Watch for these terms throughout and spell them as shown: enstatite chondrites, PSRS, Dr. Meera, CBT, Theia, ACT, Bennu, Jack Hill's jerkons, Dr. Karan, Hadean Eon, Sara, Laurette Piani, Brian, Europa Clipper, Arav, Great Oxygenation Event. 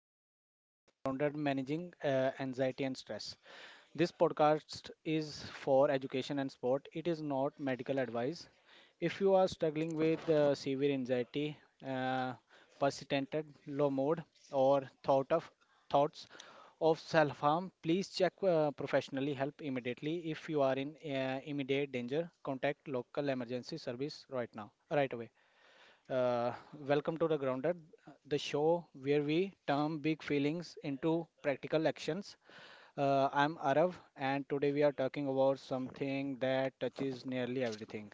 Grounded, Grounded Managing Anxiety and Stress. This podcast is for education and sport. It is not medical advice. If you are struggling with severe anxiety, uh, persistent low mood, or thought of thoughts of self-harm, please check professionally help immediately. If you are in immediate danger, contact local emergency service right now, right away. Uh, Welcome to The Grounded, the show where we turn big feelings into practical actions. I'm Arav, and today we are talking about something that touches nearly everything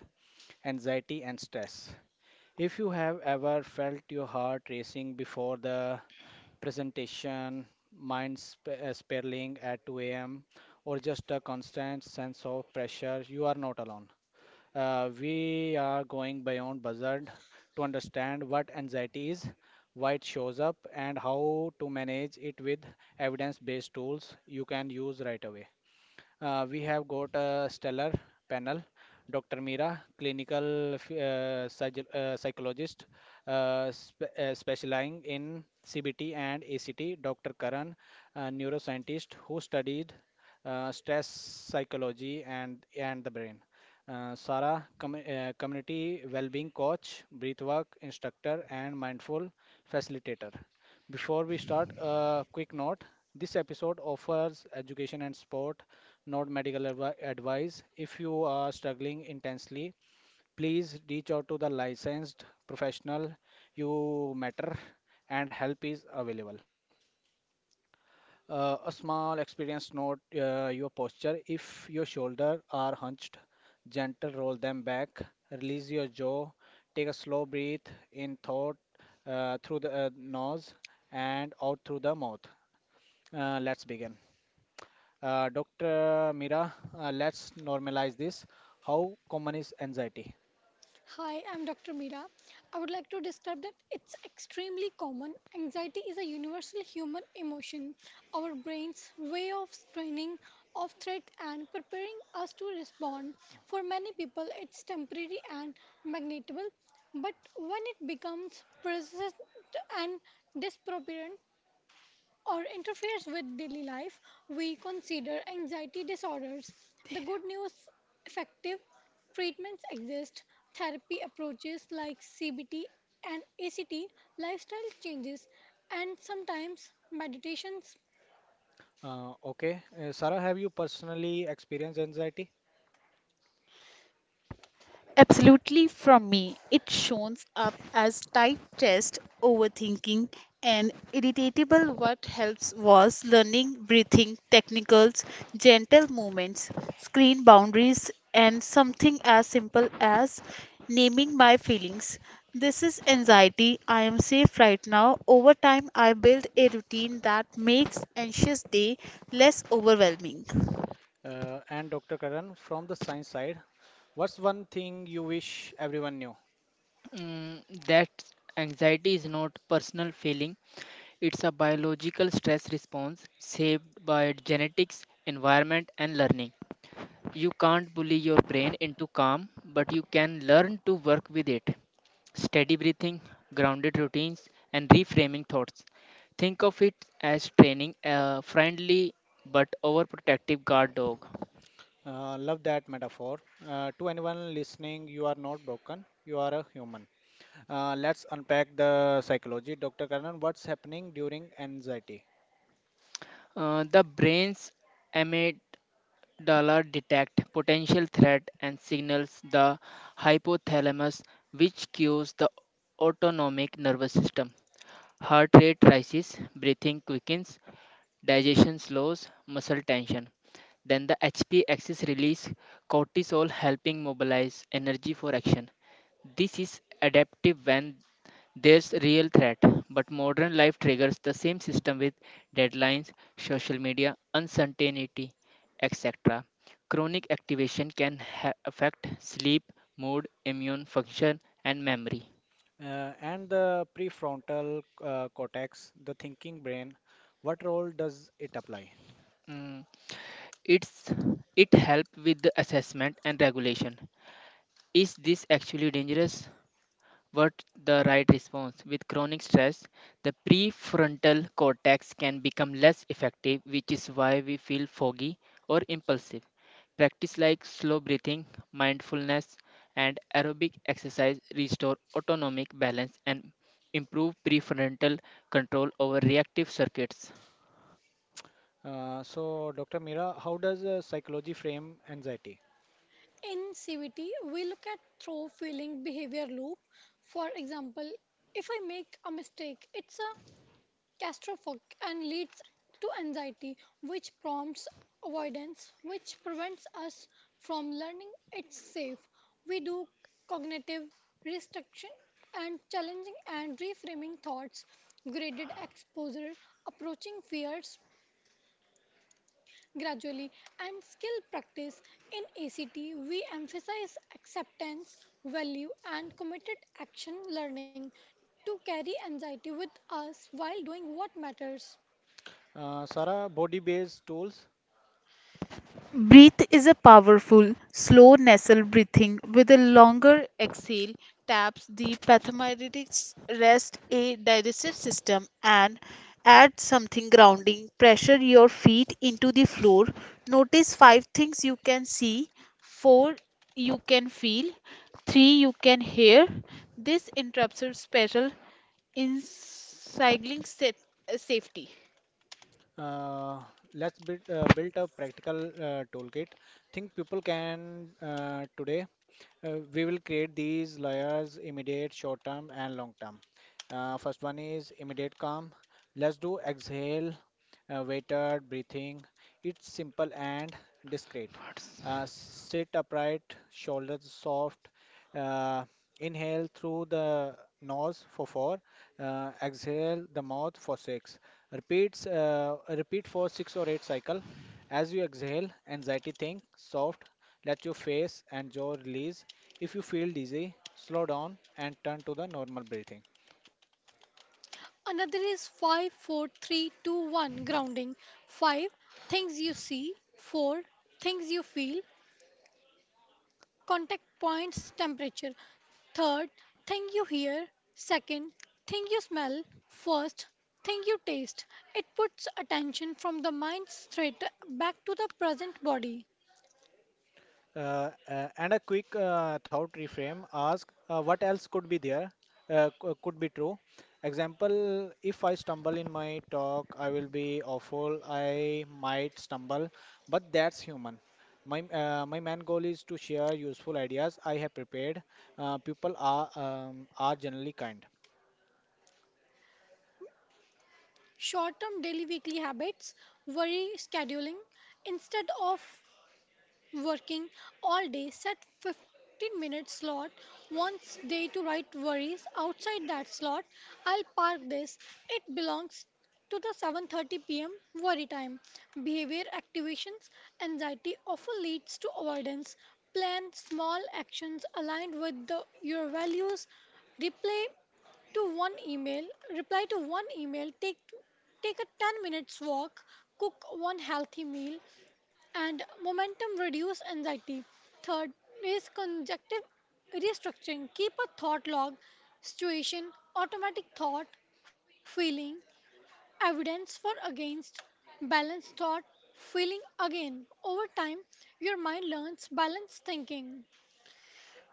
anxiety and stress. If you have ever felt your heart racing before the presentation, mind spiraling at 2 a.m., or just a constant sense of pressure, you are not alone. We are going beyond buzzard to understand what anxiety is, why it shows up, and how to manage it with evidence based tools you can use right away. We have got a stellar panel Dr. Meera, clinical psychologist specializing in CBT and ACT, Dr. Karan, a neuroscientist who studied stress psychology and the brain. Sara, community well-being coach, breathwork instructor, and mindful facilitator. Before we start, a quick note. This episode offers education and sport, not advice. If you are struggling intensely, please reach out to the licensed professional, you matter and help is available. A small experience note, your posture. If your shoulders are hunched, gentle roll them back, release your jaw, take a slow breath in thought through the nose and out through the mouth. Let's begin. Dr. Mira, let's normalize this. How common is anxiety? Hi, I'm Dr. Meera. I would like to describe that it's extremely common. Anxiety is a universal human emotion. Our brain's way of screening of threat and preparing us to respond. For many people, it's temporary and manageable, but when it becomes persistent and disproportionate, or interferes with daily life, we consider anxiety disorders. The good news effective treatments exist, therapy approaches like CBT and ACT, lifestyle changes, and sometimes meditations. Okay, Sarah, have you personally experienced anxiety? Absolutely from me. It shows up as tight chest, overthinking, and irritable. What helps was learning breathing technicals, gentle movements, screen boundaries, and something as simple as naming my feelings. This is anxiety. I am safe right now. Over time, I build a routine that makes anxious day less overwhelming. And Dr. Karan, from the science side, what's one thing you wish everyone knew? That anxiety is not personal feeling, it's a biological stress response shaped by genetics, environment, and learning. You can't bully your brain into calm, but you can learn to work with it. Steady breathing, grounded routines, and reframing thoughts. Think of it as training a friendly but overprotective guard dog. Love that metaphor. To anyone listening, you are not broken, you are a human. Let's unpack the psychology. Dr. Karan, what's happening during anxiety? The brain's Dollar detect potential threat and signals the hypothalamus, which cues the autonomic nervous system. Heart rate rises, breathing quickens, digestion slows, muscle tension. Then the HP axis release cortisol, helping mobilize energy for action. This is adaptive when there's real threat, but modern life triggers the same system with deadlines, social media, uncertainty, etc. Chronic activation can affect sleep, mood, immune function, and memory. And the prefrontal cortex, the thinking brain, what role does it apply? Mm, It's it help with the assessment and regulation. Is this actually dangerous? What the right response? With chronic stress, the prefrontal cortex can become less effective, which is why we feel foggy or impulsive. Practice like slow breathing, mindfulness, and aerobic exercise restore autonomic balance and improve prefrontal control over reactive circuits. So, Dr. Mira, how does psychology frame anxiety? In CBT, we look at through feeling behavior loop. For example, if I make a mistake, it's a claustrophobic and leads to anxiety, which prompts avoidance, which prevents us from learning it's safe. We do cognitive restriction and challenging and reframing thoughts, graded exposure, approaching fears gradually, and skill practice. In ACT, we emphasize acceptance, value, and committed action learning to carry anxiety with us while doing what matters. Sara, body based tools. Breathe is a powerful, slow nasal breathing with a longer exhale taps the pathomyretic rest a digestive system and add something grounding. Pressure your feet into the floor. Notice five things you can see, four you can feel, three you can hear. This interrupts your special in cycling safety. Uh, let's build a practical toolkit. Think people can today. We will create these layers immediate, short term, and long term. First one is immediate calm. Let's do exhale weighted breathing. It's simple and discreet. What's- Sit upright, shoulders soft. Uh, Inhale through the nose for four. Exhale the mouth for six. Repeats. Repeat for six or eight cycle. As you exhale, anxiety think soft. Let your face and jaw release. If you feel dizzy, slow down and turn to the normal breathing. Another is five, four, three, two, one grounding. 5 things you see, 4 things you feel, contact points, temperature. Third thing you hear, second thing you smell, first thing you taste. It puts attention from the mind straight back to the present body. And a quick thought reframe, ask what else could be there, could be true. Example, if I stumble in my talk, I will be awful. I might stumble, but that's human. My my main goal is to share useful ideas I have prepared. People are generally kind. Short term daily weekly habits, worry scheduling instead of working all day, set 15-minute slot once day to write worries. Outside that slot, I'll park this. It belongs to the 7:30 p.m. worry time. Behavior activations anxiety often leads to avoidance. Plan small actions aligned with the, your values. Replay to one email, reply to one email, take a 10 minutes walk, cook one healthy meal, and momentum reduce anxiety. Third is conjunctive restructuring. Keep a thought log, situation, automatic thought, feeling, evidence for against, balanced thought, feeling again. Over time, your mind learns balanced thinking.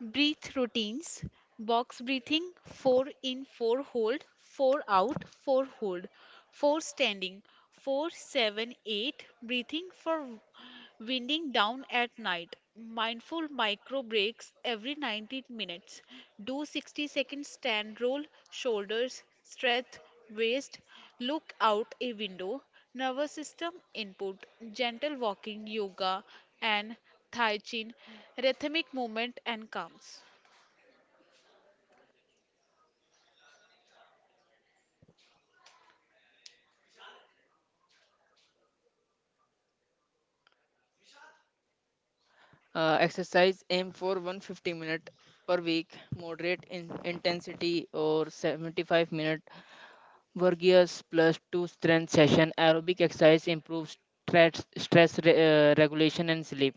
Breath routines box breathing, 4 in, 4 hold, 4 out, 4 hold, 4 standing, 4-7-8 breathing for winding down at night. Mindful micro breaks every 90 minutes. Do 60-second stand roll, shoulders, stretch, waist, look out a window. Nervous system input, gentle walking, yoga, and hygiene, rhythmic movement, and calms. Exercise aim for 150 minute per week, moderate in intensity, or 75-minute Vergius plus two strength session. Aerobic exercise improves regulation and sleep.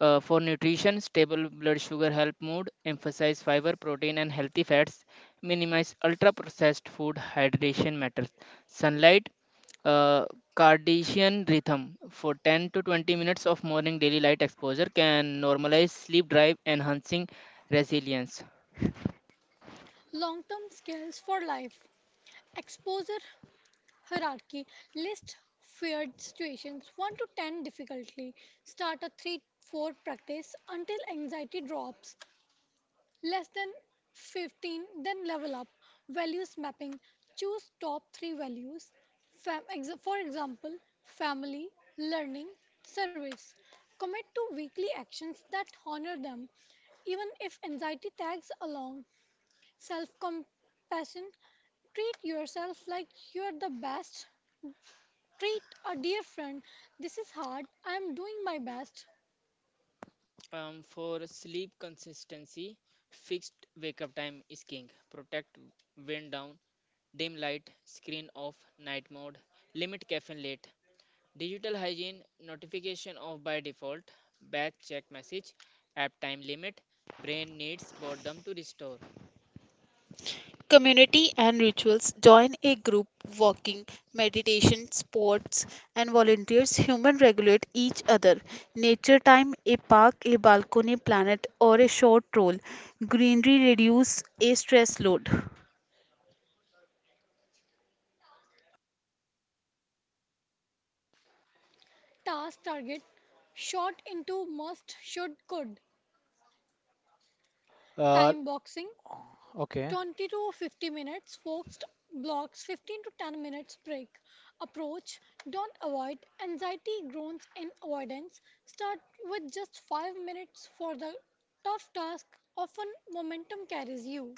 For nutrition, stable blood sugar help mood. Emphasize fiber, protein, and healthy fats. Minimize ultra processed food. Hydration matters. Sunlight, uh, circadian rhythm. For 10 to 20 minutes of morning daily light exposure can normalize sleep drive, enhancing resilience. Long term skills for life. Exposure hierarchy. List feared situations 1 to 10 difficulty. Start a 3 4 practice until anxiety drops. Less than 15, then level up. Values mapping. Choose top 3 values. For example, family, learning, service. Commit to weekly actions that honor them, even if anxiety tags along. Self compassion. Treat yourself like you're the best treat a dear friend. This is hard. I am doing my best. For sleep consistency, fixed wake up time is king. Protect wind down, dim light, screen off, night mode, limit caffeine late. Digital hygiene, notification off by default, batch check message, app time limit. Brain needs boredom to restore. Community and rituals join a group walking, meditation, sports, and volunteers. Human regulate each other. Nature time, a park, a balcony planet, or a short stroll. Greenery reduce a stress load. Task target shot into must, should, could. uh, Time boxing okay 20 to 50 minutes. Focused blocks 15 to 10 minutes break. Approach don't avoid. Anxiety groans in avoidance. Start with just 5 minutes for the tough task. Often momentum carries you.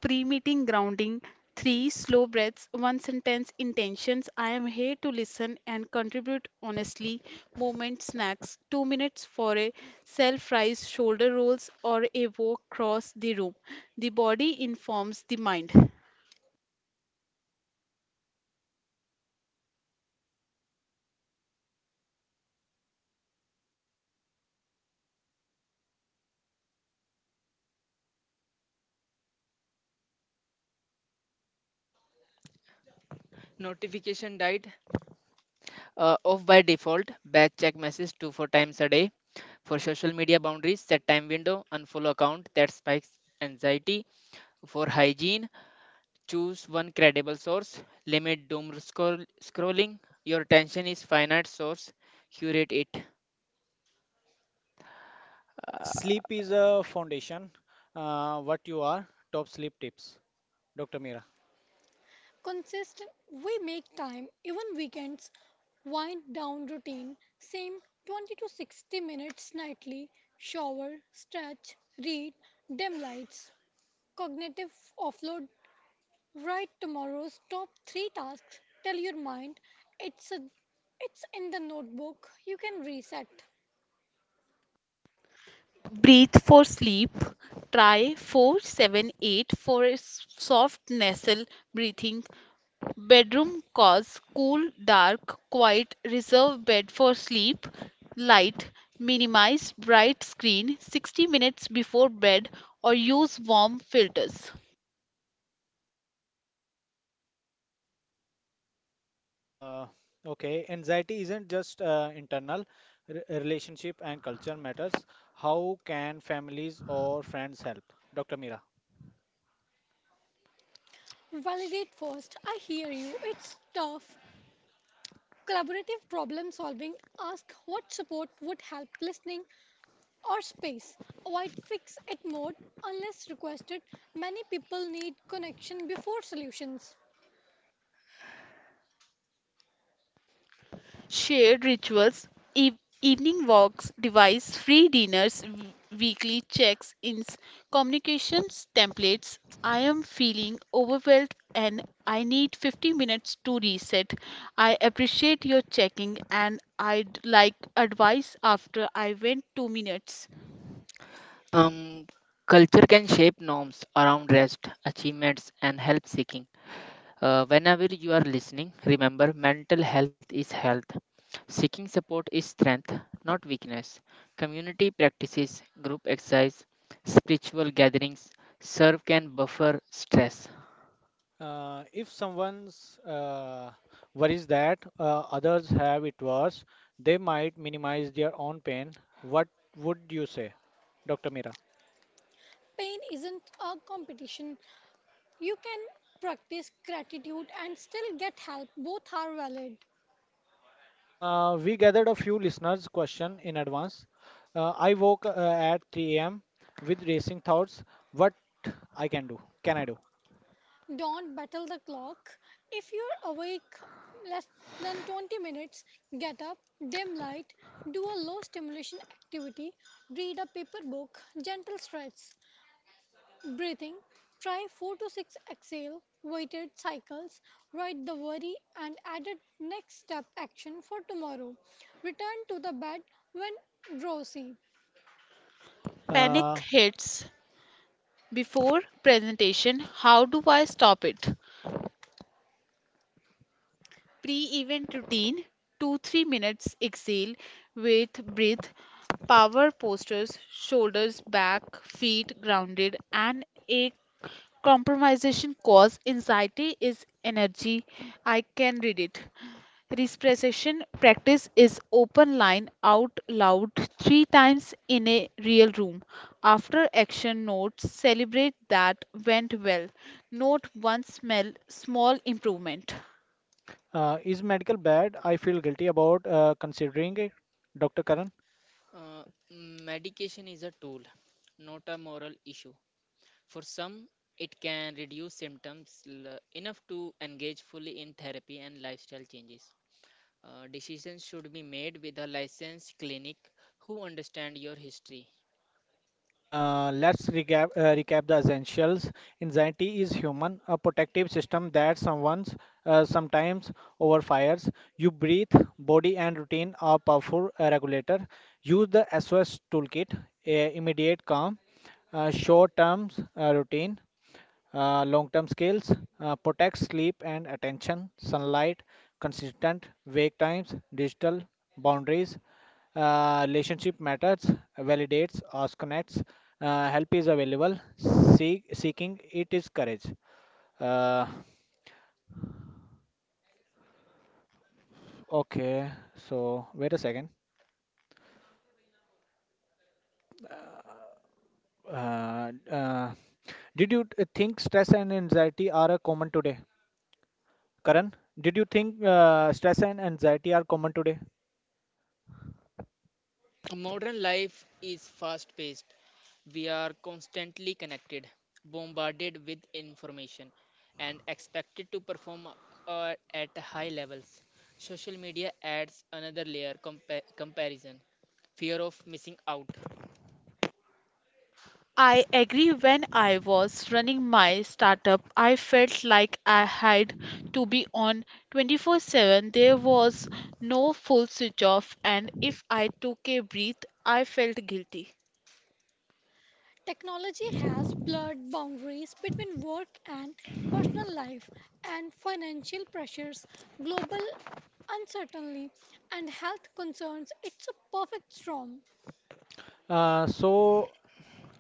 Pre meeting grounding, three slow breaths, one sentence intentions. I am here to listen and contribute honestly. Moment snacks, 2 minutes for a self rise, shoulder rolls, or a walk across the room. The body informs the mind. Uh, Notification died off by default, batch check message 2 4 times a day. For social media boundaries, set time window, unfollow account that spikes anxiety. For hygiene, choose one credible source, limit scrolling. Your attention is finite source, curate it. Uh, sleep is a foundation. What you are top sleep tips, Dr. Meera? Consistent, we make time even weekends. Wind down routine same 20 to 60 minutes nightly, shower, stretch, read, dim lights, cognitive offload, write tomorrow's top 3 tasks, tell your mind it's a it's in the notebook, you can reset. Breathe for sleep. Try 4-7-8 for a soft nasal breathing. Bedroom cause cool, dark, quiet, reserve bed for sleep, light, minimize bright screen 60 minutes before bed or use warm filters. Uh, okay, anxiety isn't just internal. Relationship and culture matters. How can families or friends help? Dr. Mira. Validate first, I hear you, it's tough. Collaborative problem solving, ask what support would help, listening or space. Avoid fix-it mode unless requested. Many people need connection before solutions. Shared rituals, e- evening walks, device free dinners, weekly checks ins, communications templates. I am feeling overwhelmed and I need 50 minutes to reset. I appreciate your checking and I'd like advice after I went 2 minutes. Um, Culture can shape norms around rest, achievements, and help seeking. Whenever you are listening, remember mental health is health. Seeking support is strength, not weakness. Community practices, group exercise, spiritual gatherings serve can buffer stress. If someone's worries that others have it worse, they might minimize their own pain. What would you say, Dr. Mira? Pain isn't a competition. You can practice gratitude and still get help. Both are valid. We gathered a few listeners' question in advance. I woke at 3 a.m. with racing thoughts. What I can do? Can I do? Don't battle the clock. If you're awake less than 20 minutes, get up, dim light, do a low stimulation activity, read a paper book, gentle stretch. Breathing. Try 4 to 6 exhale weighted cycles. Write the worry and added next step action for tomorrow. Return to the bed when drowsy. Panic Uh, hits before presentation. How do I stop it? Pre event routine 2 3 minutes exhale with breath, power postures, shoulders back, feet grounded, and a compromisation cause anxiety is energy. I can read it. Respiration practice is open line out loud three times in a real room. After action notes, celebrate that went well. Note one smell, small improvement. Is medical bad? I feel guilty about considering it, Dr. Karan. Uh, Medication is a tool, not a moral issue. For some, it can reduce symptoms enough to engage fully in therapy and lifestyle changes. Decisions should be made with a licensed clinic who understand your history. Let's recap the essentials. Anxiety is human, a protective system that someone's sometimes overfires. You breathe, body, and routine are powerful regulator. Use the SOS toolkit, immediate calm, short term routine, long-term skills, protect sleep and attention, sunlight, consistent wake times, digital boundaries, relationship matters, validates, us connects. Help is available. Seeking it is courage. Uh, okay, so wait a second. Uh, uh, did you think stress and anxiety are common today? Karan, did you think stress and anxiety are common today? Modern life is fast paced. We are constantly connected, bombarded with information, and expected to perform at high levels. Social media adds another layer, comparison, fear of missing out. I agree. When I was running my startup, I felt like I had to be on 24/7. There was no full switch off, and if I took a breath, I felt guilty. Technology has blurred boundaries between work and personal life and financial pressures, global uncertainty, and health concerns. It's a perfect storm. So,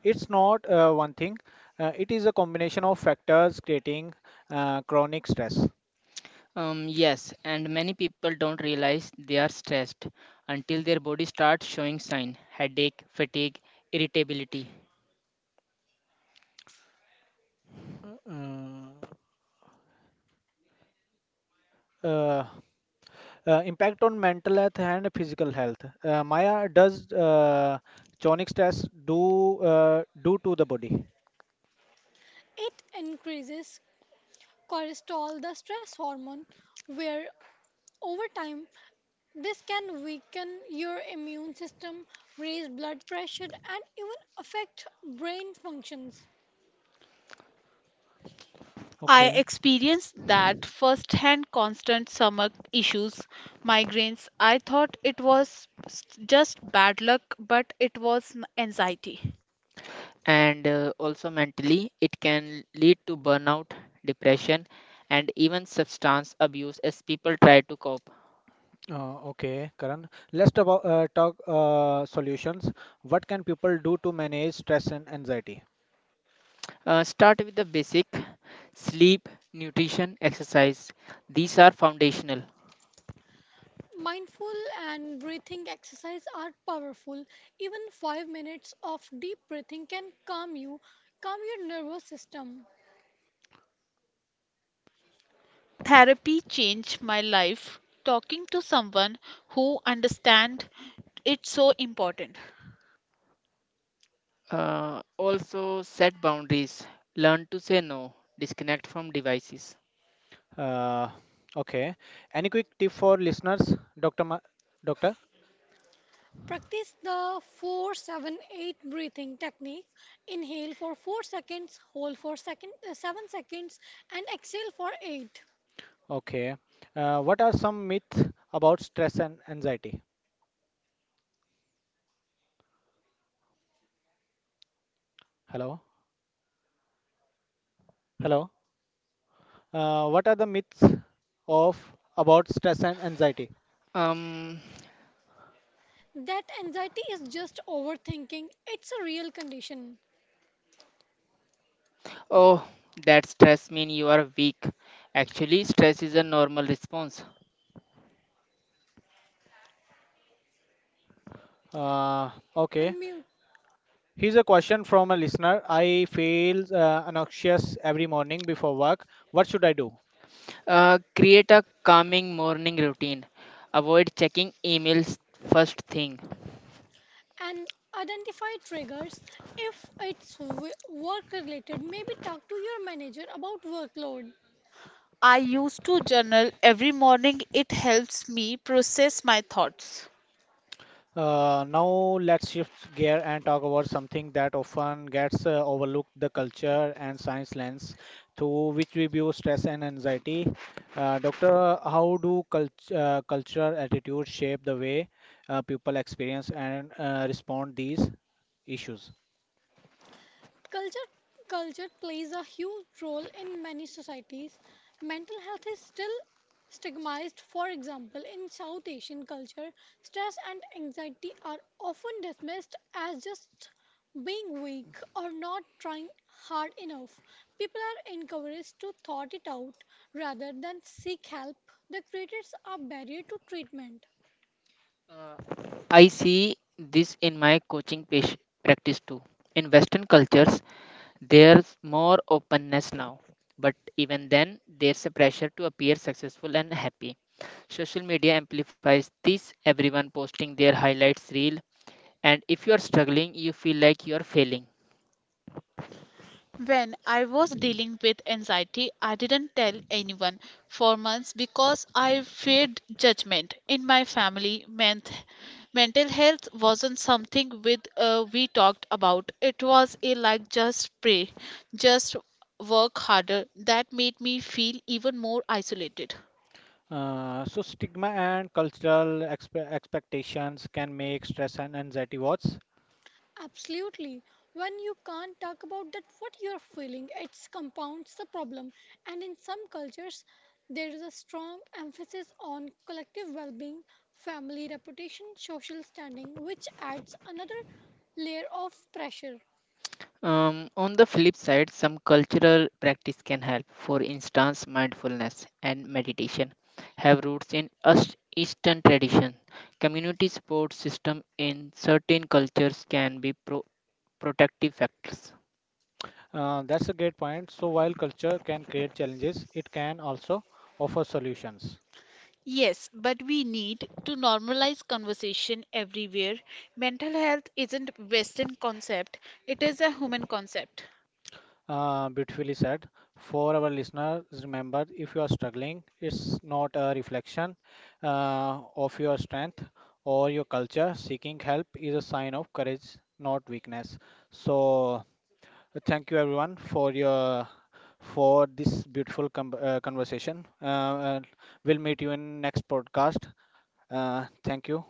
it's not one thing. It is a combination of factors creating chronic stress. Yes, and many people don't realize they are stressed until their body starts showing sign, headache, fatigue, irritability, Mm, uh, impact on mental health and physical health. Maya, does chronic stress do to the body? It increases cortisol, the stress hormone, where over time this can weaken your immune system, raise blood pressure, and even affect brain functions. I Okay, experienced that firsthand constant stomach issues, migraines. I thought it was just bad luck, but it was anxiety. and also mentally it can lead to burnout, depression, and even substance abuse as people try to cope. Okay, Karan. Let's talk solutions. What can people do to manage stress and anxiety? Start with the basic sleep, nutrition, exercise. These are foundational. Mindful and breathing exercise are powerful. Even 5 minutes of deep breathing can calm you, calm your nervous system. Therapy changed my life. Talking to someone who understands, it's so important. Also set boundaries, learn to say no, disconnect from devices. Uh, okay. Any quick tip for listeners, Doctor? Doctor? Practice the 478 breathing technique. Inhale for 4 seconds, hold for second, 7 seconds, and exhale for 8. Okay. What are some myths about stress and anxiety? Hello? Hello? What are the myths of about stress and anxiety? Um, That anxiety is just overthinking, it's a real condition. Oh, that stress means you are weak. Actually, stress is a normal response. Uh, okay. Unmute Here's a question from a listener. I feel anxious every morning before work. What should I do? Create a calming morning routine. Avoid checking emails first thing. and identify triggers, if it's work related maybe talk to your manager about workload. I used to journal every morning. It helps me process my thoughts. Now let's shift gear and talk about something that often gets overlooked, the culture and science lens through which we view stress and anxiety. Doctor, how do cultural attitudes shape the way people experience and respond these issues? Culture Culture plays a huge role in many societies. Mental health is still stigmatized. For example, in South Asian culture, stress and anxiety are often dismissed as just being weak or not trying hard enough. People are encouraged to thought it out rather than seek help. The creators are barrier to treatment. Uh, I see this in my coaching page practice too. In Western cultures, there's more openness now. But even then, there's a pressure to appear successful and happy. Social media amplifies this, everyone posting their highlights reel, and if you are struggling you feel like you are failing. When I was dealing with anxiety, I didn't tell anyone for months because I feared judgment in my family. Meant mental health wasn't something with we talked about. It was a like just pray, just work harder. That made me feel even more isolated. So stigma and cultural expectations can make stress and anxiety worse. Absolutely. When you can't talk about that what you're feeling, it compounds the problem. And in some cultures, there is a strong emphasis on collective well-being, family reputation, social standing, which adds another layer of pressure. On the flip side, some cultural practice can help. For instance, mindfulness and meditation have roots in eastern tradition. Community support system in certain cultures can be protective factors. That's a great point. So while culture can create challenges, it can also offer solutions. Yes, but we need to normalize conversation everywhere. Mental health isn't western concept, it is a human concept. Beautifully said. For our listeners, remember if you are struggling, it's not a reflection of your strength or your culture. Seeking help is a sign of courage, not weakness. So, thank you everyone for your for this beautiful conversation. We'll meet you in next podcast. Thank you.